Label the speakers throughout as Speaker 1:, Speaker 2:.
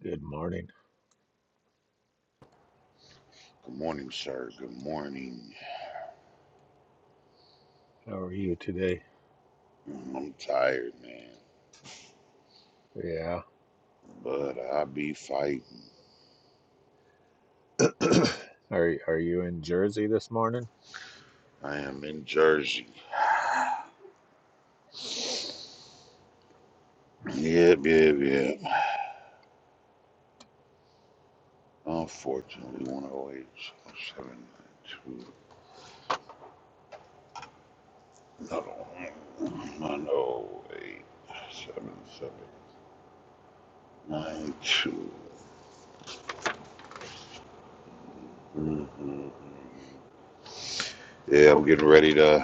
Speaker 1: Good morning.
Speaker 2: Good morning, sir. Good morning.
Speaker 1: How are you today?
Speaker 2: I'm tired, man,
Speaker 1: Yeah.
Speaker 2: but I be fighting.
Speaker 1: Are are you in Jersey this morning?
Speaker 2: I am in Jersey. Yep, yep, yep. Unfortunately, 108 oh seven nine two. 792. Another one. 108, Mm-hmm. Yeah, I'm getting ready to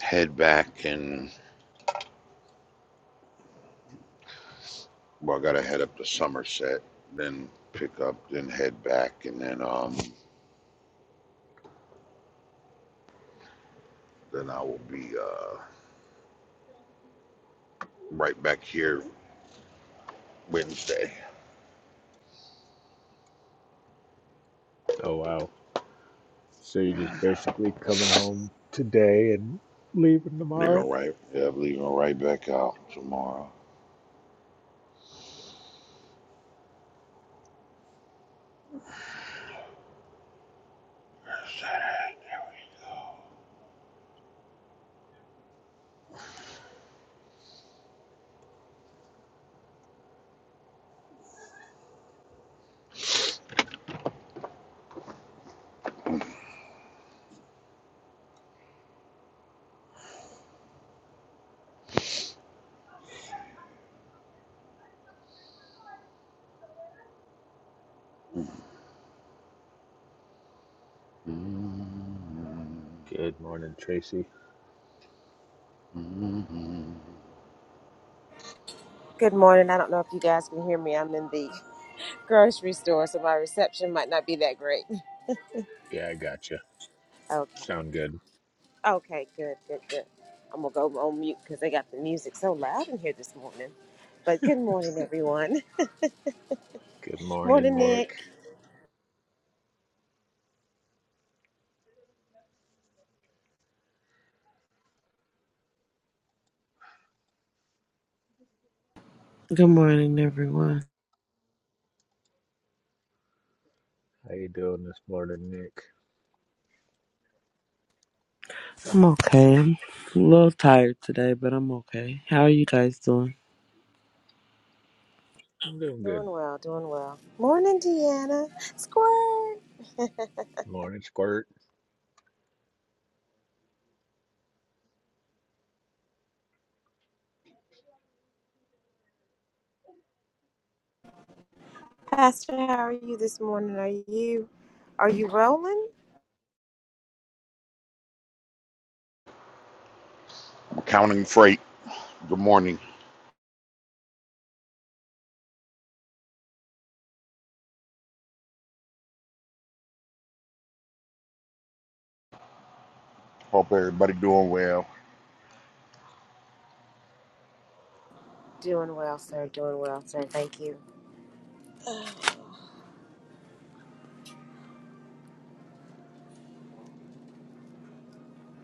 Speaker 2: head back and, well, I gotta head up to Somerset, then pick up, then head back, and then, um, then I will be, uh, Right back here Wednesday.
Speaker 1: Oh wow. So you're just basically coming home today and leaving
Speaker 2: Leaving
Speaker 1: tomorrow?
Speaker 2: right. Yeah, I'm leaving right back out tomorrow. Saturday, There we go. Mm-hmm.
Speaker 1: Good morning, Tracy.
Speaker 2: Mm-hmm.
Speaker 3: Good morning. I don't know if you guys can hear me. I'm in the grocery store, so my reception might not be that great.
Speaker 1: Yeah, I gotcha.
Speaker 3: Okay.
Speaker 1: Sound good.
Speaker 3: Okay, good, good, good. I'm going to go on mute because they got the music so loud in here this morning. But good morning, everyone.
Speaker 1: Good morning,
Speaker 3: Morning,
Speaker 1: Nick.
Speaker 3: Nick.
Speaker 4: Good morning, everyone.
Speaker 1: How you doing this morning, Nick?
Speaker 4: I'm okay. I'm a little tired today, but I'm okay. How are you guys doing?
Speaker 1: I'm doing good.
Speaker 3: Doing well, doing well. Morning, Deanna. Squirt.
Speaker 1: Morning, Squirt.
Speaker 3: Pastor, how are you this morning? Are you are you rolling?
Speaker 2: Counting freight. Good morning. Hope everybody doing well.
Speaker 3: Doing well, sir. Doing well, sir. Thank you.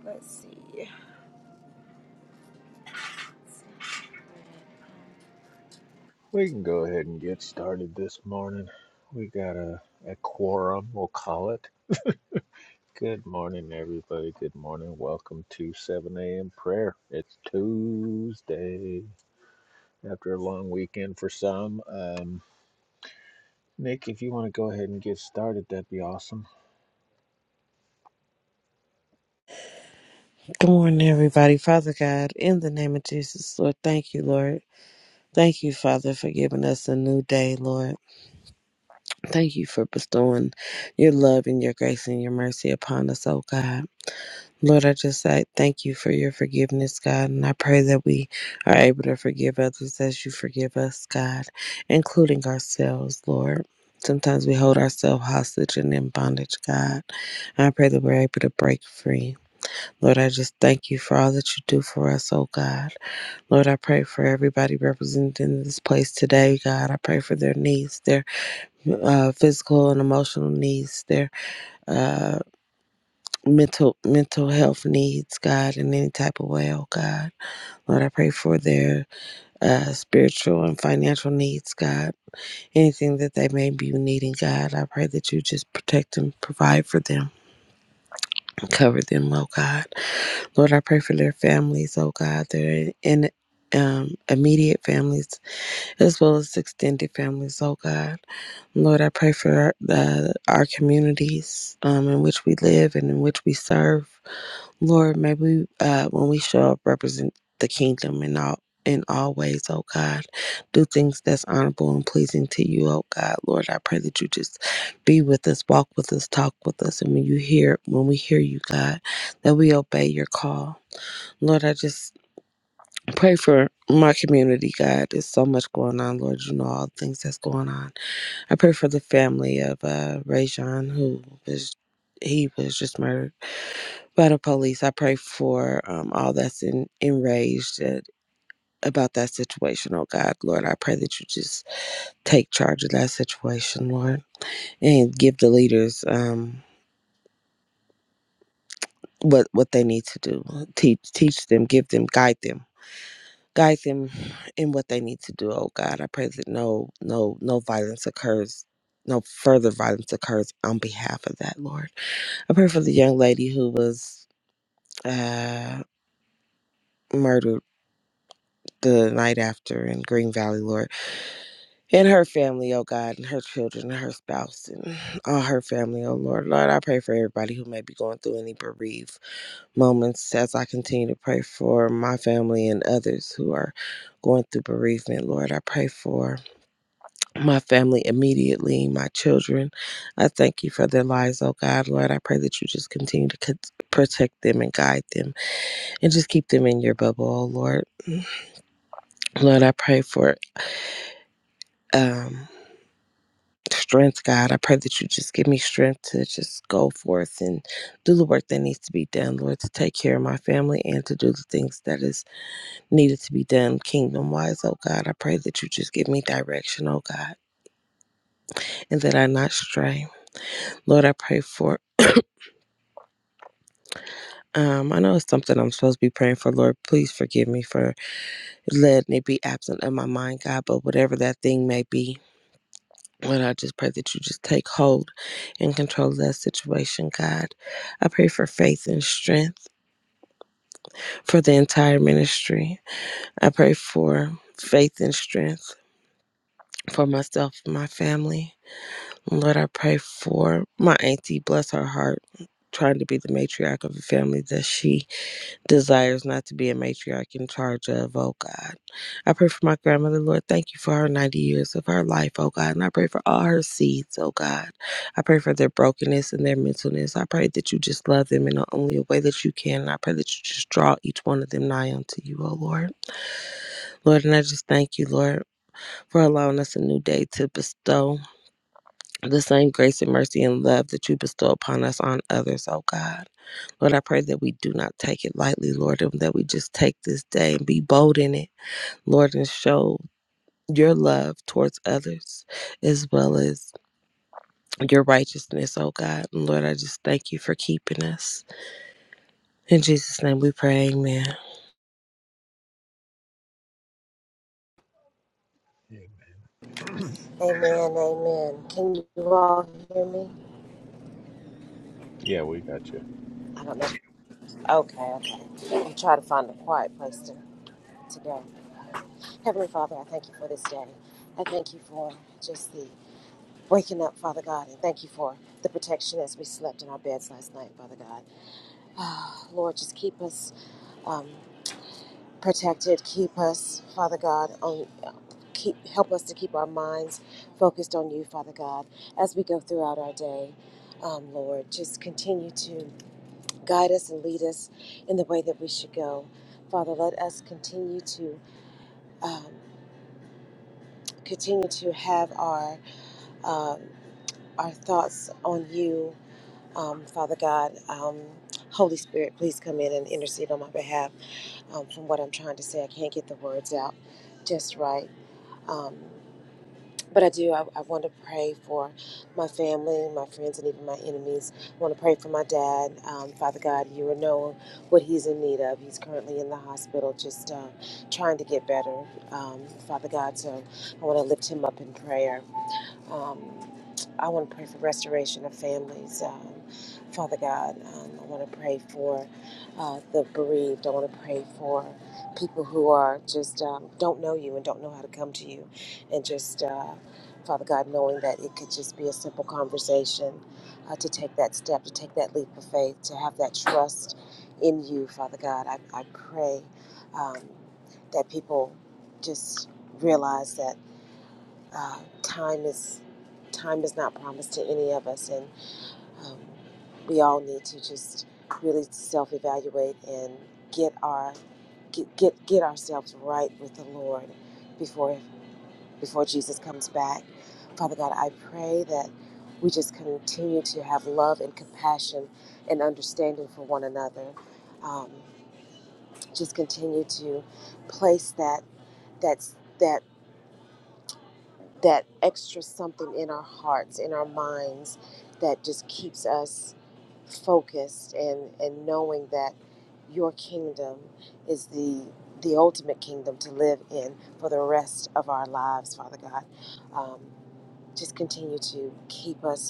Speaker 3: Let's see.
Speaker 1: We can go ahead and get started this morning. We got a, a quorum, we'll call it. Good morning, everybody. Good morning. Welcome to 7 a.m. prayer. It's Tuesday after a long weekend for some. Um, Nick, if you want to go ahead and get started, that'd be awesome.
Speaker 4: Good morning, everybody. Father God, in the name of Jesus, Lord, thank you, Lord. Thank you, Father, for giving us a new day, Lord. Thank you for bestowing your love and your grace and your mercy upon us, oh God. Lord, I just I thank you for your forgiveness, God, and I pray that we are able to forgive others as you forgive us, God, including ourselves, Lord. Sometimes we hold ourselves hostage and in bondage, God. And I pray that we're able to break free. Lord, I just thank you for all that you do for us, oh God. Lord, I pray for everybody represented in this place today, God. I pray for their needs, their uh, physical and emotional needs, their uh, mental mental health needs, God, in any type of way, oh God. Lord, I pray for their uh, spiritual and financial needs, God. Anything that they may be needing, God, I pray that you just protect them, provide for them, cover them, oh God. Lord, I pray for their families, oh God. their in um, immediate families as well as extended families, oh God. Lord, I pray for our, the, our communities um, in which we live and in which we serve. Lord, may we, uh, when we show up, represent the kingdom in all in all ways, oh God. Do things that's honorable and pleasing to you, oh God. Lord, I pray that you just be with us, walk with us, talk with us, and when you hear when we hear you, God, that we obey your call. Lord, I just pray for my community, God. There's so much going on, Lord. You know all the things that's going on. I pray for the family of uh Rajon who was he was just murdered by the police. I pray for um, all that's in, enraged at, about that situation, oh God, Lord. I pray that you just take charge of that situation, Lord, and give the leaders um, what what they need to do. Teach teach them, give them, guide them. Guide them in what they need to do, oh God. I pray that no no no violence occurs, no further violence occurs on behalf of that, Lord. I pray for the young lady who was uh murdered the night after in Green Valley, Lord. and her family, oh God, and her children, and her spouse, and all her family, oh Lord. Lord, I pray for everybody who may be going through any bereaved moments as I continue to pray for my family and others who are going through bereavement, Lord. I pray for my family immediately, my children. I thank you for their lives, oh God, Lord. I pray that you just continue to cont- protect them and guide them and just keep them in your bubble, oh Lord. Lord, I pray for. um. strength, God. I pray that you just give me strength to just go forth and do the work that needs to be done, Lord, to take care of my family and to do the things that is needed to be done kingdom wise, oh God. I pray that you just give me direction, oh God, and that I not stray. Lord, I pray for um, I know it's something I'm supposed to be praying for, Lord. Please forgive me for letting it be absent of my mind, God. But whatever that thing may be, Lord, I just pray that you just take hold and control that situation, God. I pray for faith and strength for the entire ministry. I pray for faith and strength for myself and my family. Lord, I pray for my auntie, bless her heart, trying to be the matriarch of a family that she desires not to be a matriarch in charge of, oh God. I pray for my grandmother, Lord. Thank you for her 90 years of her life, oh God. And I pray for all her seeds, oh God. I pray for their brokenness and their mentalness. I pray that you just love them in the only way that you can. And I pray that you just draw each one of them nigh unto you, oh Lord. Lord, and I just thank you, Lord, for allowing us a new day to bestow the same grace and mercy and love that you bestow upon us on others, oh God. Lord, I pray that we do not take it lightly, Lord, and that we just take this day and be bold in it, Lord, and show your love towards others as well as your righteousness, oh God. And Lord, I just thank you for keeping us. In Jesus' name we pray, amen.
Speaker 1: Amen.
Speaker 3: Amen, amen. Can you all hear me?
Speaker 1: Yeah, we got you.
Speaker 3: I don't know. Okay, okay. I'll try to find a quiet place to, to go. Heavenly Father, I thank you for this day. I thank you for just the waking up, Father God, and thank you for the protection as we slept in our beds last night, Father God. Ah, Lord, just keep us um, protected. Keep us, Father God, on keep help us to keep our minds focused on you, Father God, as we go throughout our day. Um, Lord, just continue to guide us and lead us in the way that we should go. Father, let us continue to um, continue to have our um, our thoughts on you, um, Father God. Um, Holy Spirit, please come in and intercede on my behalf. Um, from what I'm trying to say, I can't get the words out just right. Um, but I do. I, I want to pray for my family, my friends, and even my enemies. I want to pray for my dad, um, Father God. You will know what he's in need of. He's currently in the hospital, just uh, trying to get better, um, Father God. So I want to lift him up in prayer. Um, I want to pray for restoration of families, um, Father God. Um, I want to pray for uh, the bereaved. I want to pray for people who are just um, don't know you and don't know how to come to you, and just uh, Father God, knowing that it could just be a simple conversation, uh, to take that step, to take that leap of faith, to have that trust in you, Father God. I, I pray um, that people just realize that uh, time is time is not promised to any of us, and um, we all need to just really self-evaluate and get our get get, get ourselves right with the Lord before before Jesus comes back. Father God, I pray that we just continue to have love and compassion and understanding for one another. Um, just continue to place that that's that. that extra something in our hearts, in our minds, that just keeps us focused and, and knowing that your kingdom is the the ultimate kingdom to live in for the rest of our lives, Father God. Um, just continue to keep us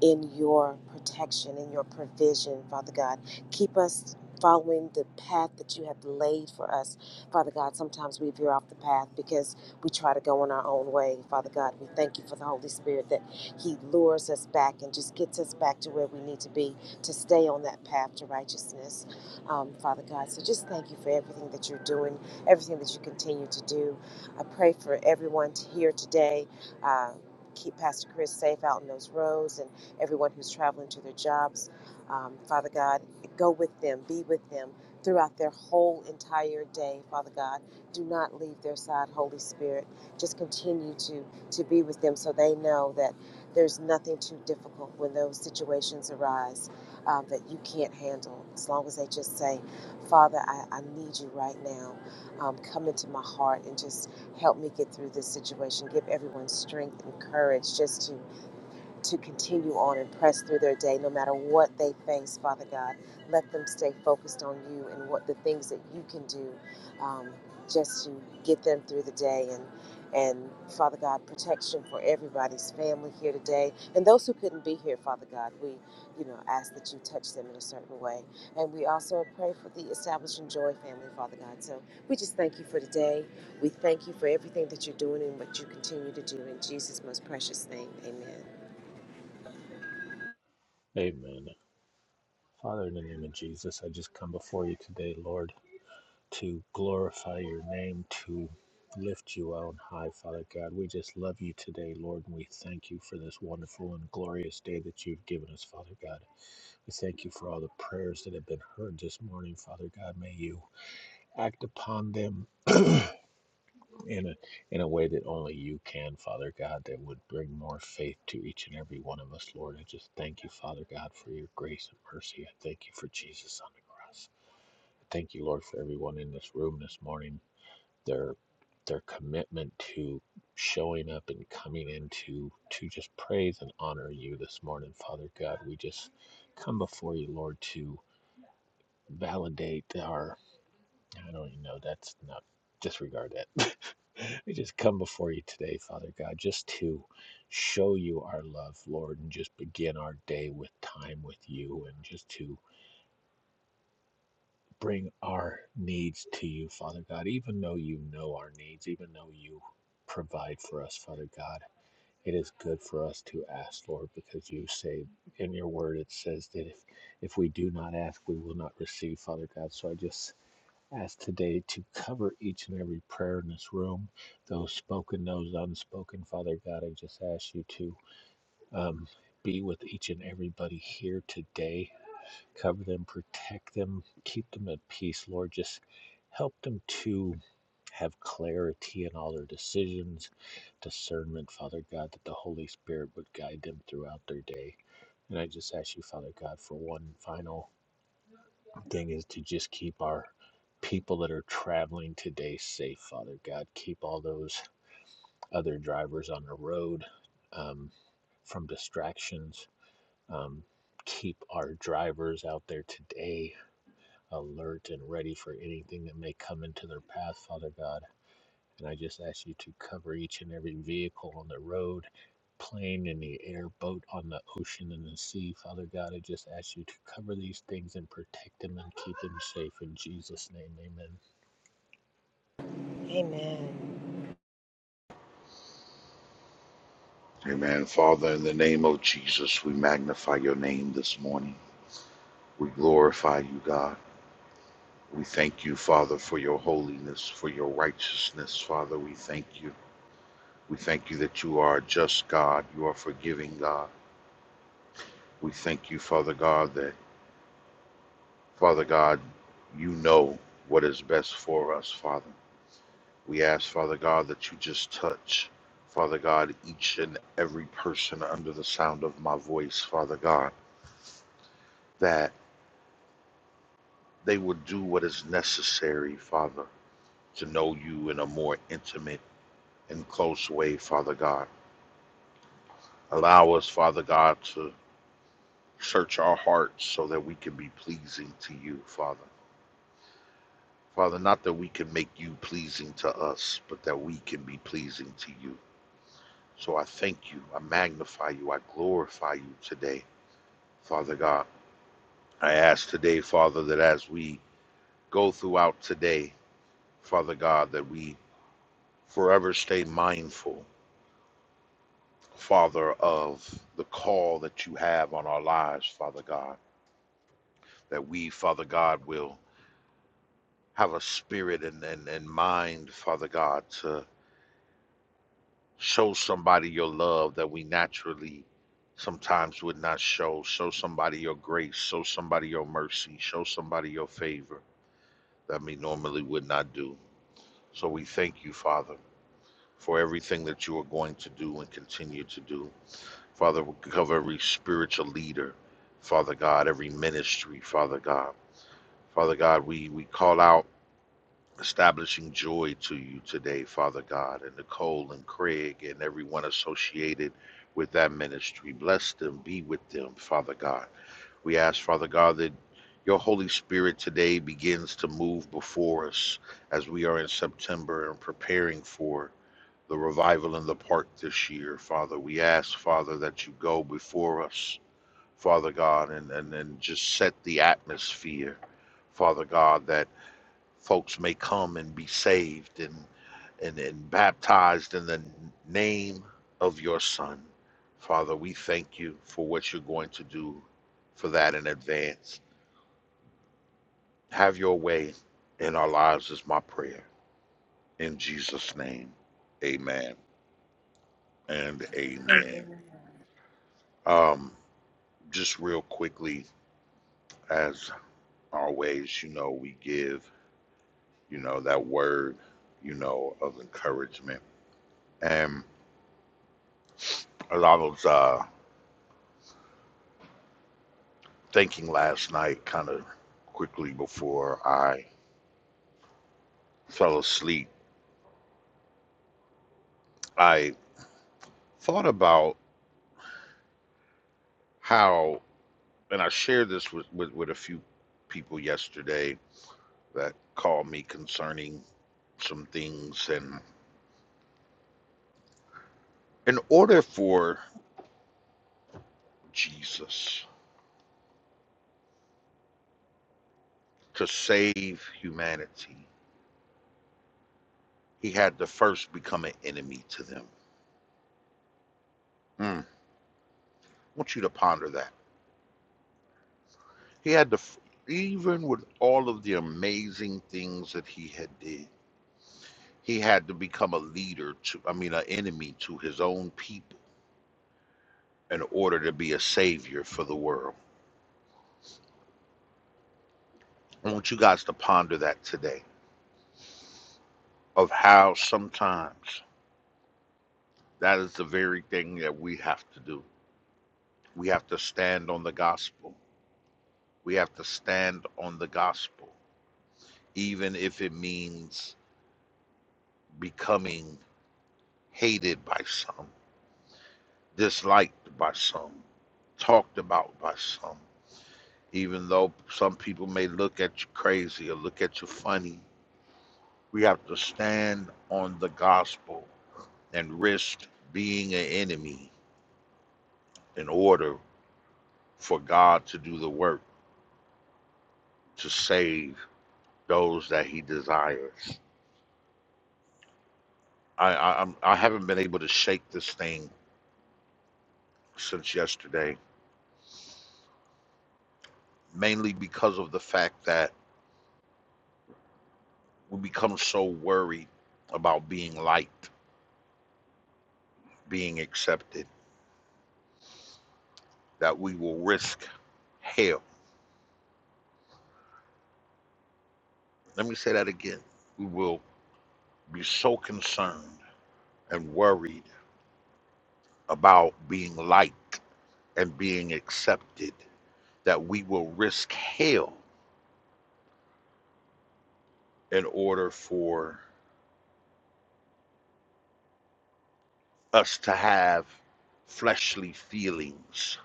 Speaker 3: in your protection, in your provision, Father God. Keep us following the path that you have laid for us, Father God. Sometimes we veer off the path because we try to go in our own way, Father God. We thank you for the Holy Spirit that He lures us back and just gets us back to where we need to be to stay on that path to righteousness, um, Father God. So just thank you for everything that you're doing, everything that you continue to do. I pray for everyone to here today. Uh, keep Pastor Chris safe out in those roads and everyone who's traveling to their jobs. Um, Father God, go with them, be with them throughout their whole entire day, Father God. Do not leave their side, Holy Spirit. Just continue to, to be with them so they know that there's nothing too difficult when those situations arise um, that you can't handle. As long as they just say, Father, I, I need you right now. Um, come into my heart and just help me get through this situation. Give everyone strength and courage just to to continue on and press through their day no matter what they face, Father God. Let them stay focused on you and what the things that you can do um, just to get them through the day and and Father God, protection for everybody's family here today. And those who couldn't be here, Father God, we, you know, ask that you touch them in a certain way. And we also pray for the Establishing Joy family, Father God. So we just thank you for today. We thank you for everything that you're doing and what you continue to do. In Jesus' most precious name, amen.
Speaker 1: Amen. Father, in the name of Jesus, I just come before you today, Lord, to glorify your name, to lift you on high, Father God. We just love you today, Lord, and we thank you for this wonderful and glorious day that you've given us, Father God. We thank you for all the prayers that have been heard this morning, Father God. May you act upon them in a in a way that only you can, Father God, that would bring more faith to each and every one of us, Lord. I just thank you, Father God, for your grace and mercy. I thank you for Jesus on the cross. I thank you, Lord, for everyone in this room this morning. Their their commitment to showing up and coming in to to just praise and honor you this morning, Father God. We just come before you, Lord, to validate our I don't even know that's not disregard that. we just come before you today, Father God, just to show you our love, Lord, and just begin our day with time with you and just to bring our needs to you, Father God, even though you know our needs, even though you provide for us, Father God. It is good for us to ask, Lord, because you say in your word it says that if if we do not ask, we will not receive, Father God. So I just ask today to cover each and every prayer in this room, those spoken, those unspoken. Father God, I just ask you to um, be with each and everybody here today. Cover them, protect them, keep them at peace, Lord. Just help them to have clarity in all their decisions, discernment, Father God, that the Holy Spirit would guide them throughout their day. And I just ask you, Father God, for one final thing is to just keep our people that are traveling today safe, Father God. Keep all those other drivers on the road um, from distractions. Um, keep our drivers out there today alert and ready for anything that may come into their path, Father God. And I just ask you to cover each and every vehicle on the road, plane in the air, boat on the ocean and the sea. Father God, I just ask you to cover these things and protect them and keep them safe. In Jesus' name, amen.
Speaker 3: Amen.
Speaker 2: Amen. Father, in the name of Jesus, we magnify your name this morning. We glorify you, God. We thank you, Father, for your holiness, for your righteousness, Father. We thank you. We thank you that you are a just God. You are forgiving God. We thank you, Father God, that, Father God, you know what is best for us, Father. We ask, Father God, that you just touch, Father God, each and every person under the sound of my voice, Father God, that they would do what is necessary, Father, to know you in a more intimate and close way, Father God. Allow us, Father God, to search our hearts so that we can be pleasing to you, Father. Father, not that we can make you pleasing to us, but that we can be pleasing to you. So I thank you. I magnify you. I glorify you today, Father God. I ask today, Father, that as we go throughout today, Father God, that we forever stay mindful, Father, of the call that you have on our lives, Father God. That we, Father God, will have a spirit and, and, and mind, Father God, to. show somebody your love that we naturally sometimes would not show. Show somebody your grace. Show somebody your mercy. Show somebody your favor that we normally would not do. So we thank you, Father, for everything that you are going to do and continue to do. Father, we cover every spiritual leader, Father God, every ministry, Father God. Father God, we, we call out establishing joy to you today, Father God, and Nicole and Craig and everyone associated with that ministry. Bless them, be with them, Father God. We ask, Father God, that your Holy Spirit today begins to move before us as we are in September and preparing for the revival in the park this year, Father. We ask, Father, that you go before us, Father God, and, and, and just set the atmosphere, Father God, that folks may come and be saved and and, and baptized in the name of your son. Father, we thank you for what you're going to do for that in advance. Have your way in our lives is my prayer. In Jesus' name. Amen and amen. Um, just real quickly, as always, you know, we give, you know, that word, you know, of encouragement. And a lot of uh thinking last night, kind of quickly before I fell asleep, I thought about how, and I shared this with, with, with a few people yesterday that called me concerning some things. And in order for Jesus to save humanity, he had to first become an enemy to them. Mm. I want you to ponder that. He had to, even with all of the amazing things that he had did, He had to become a leader to, I mean, an enemy to his own people in order to be a savior for the world. I want you guys to ponder that today of how sometimes that is the very thing that we have to do. We have to stand on the gospel. We have to stand on the gospel, even if it means becoming hated by some, disliked by some, talked about by some. even though some people may look at you crazy or look at you funny, we have to stand on the gospel and risk being an enemy in order for God to do the work to save those that He desires. I I, I'm, I haven't been able to shake this thing since yesterday, mainly because of the fact that we become so worried about being liked, being accepted, that we will risk hell Let me say that again. We will be so concerned and worried about being liked and being accepted that we will risk hell in order for us to have fleshly feelings,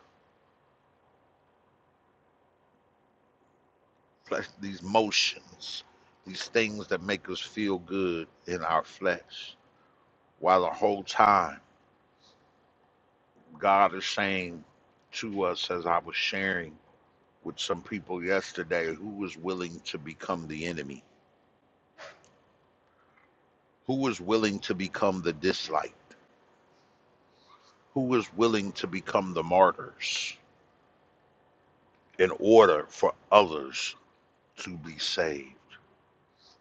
Speaker 2: flesh, these motions, these things that make us feel good in our flesh. While the whole time, God is saying to us, as I was sharing with some people yesterday, who is willing to become the enemy? Who was willing to become the disliked? Who was willing to become the martyrs in order for others to be saved?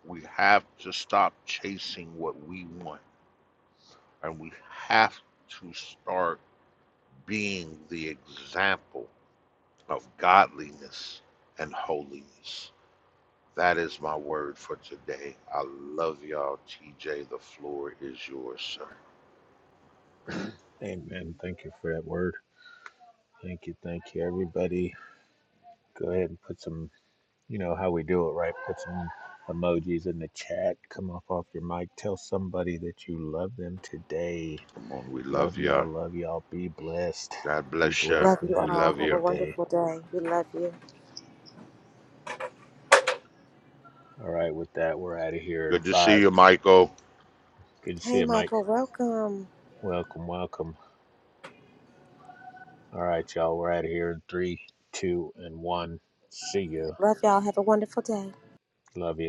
Speaker 2: We have to stop chasing what we want and we have to start being the example of godliness and holiness. That is my word for today. I love y'all. TJ, the floor is yours, sir.
Speaker 1: Amen. Thank you for that word. Thank you. Thank you, everybody. Go ahead and put some, you know how we do it, right? Put some emojis in the chat. Come up off your mic. Tell somebody that you love them today.
Speaker 2: Come on, we love
Speaker 1: Love
Speaker 2: you. all
Speaker 1: y'all. Love y'all. Be blessed.
Speaker 2: God
Speaker 1: Be
Speaker 2: bless you.
Speaker 3: Love
Speaker 1: blessed and
Speaker 3: you
Speaker 2: We
Speaker 1: have a
Speaker 3: all.
Speaker 2: love
Speaker 3: Have
Speaker 2: you.
Speaker 3: a
Speaker 1: great day.
Speaker 3: wonderful day. We love you.
Speaker 1: All right, with that, we're out of here in
Speaker 2: Good to see
Speaker 1: five.
Speaker 2: you, Michael.
Speaker 1: Good to see
Speaker 3: Hey,
Speaker 1: you, Mike.
Speaker 3: Michael, welcome.
Speaker 1: Welcome, welcome. All right, y'all, we're out of here in three, two, and one. See you.
Speaker 3: Love y'all. Have a wonderful day.
Speaker 1: Love you.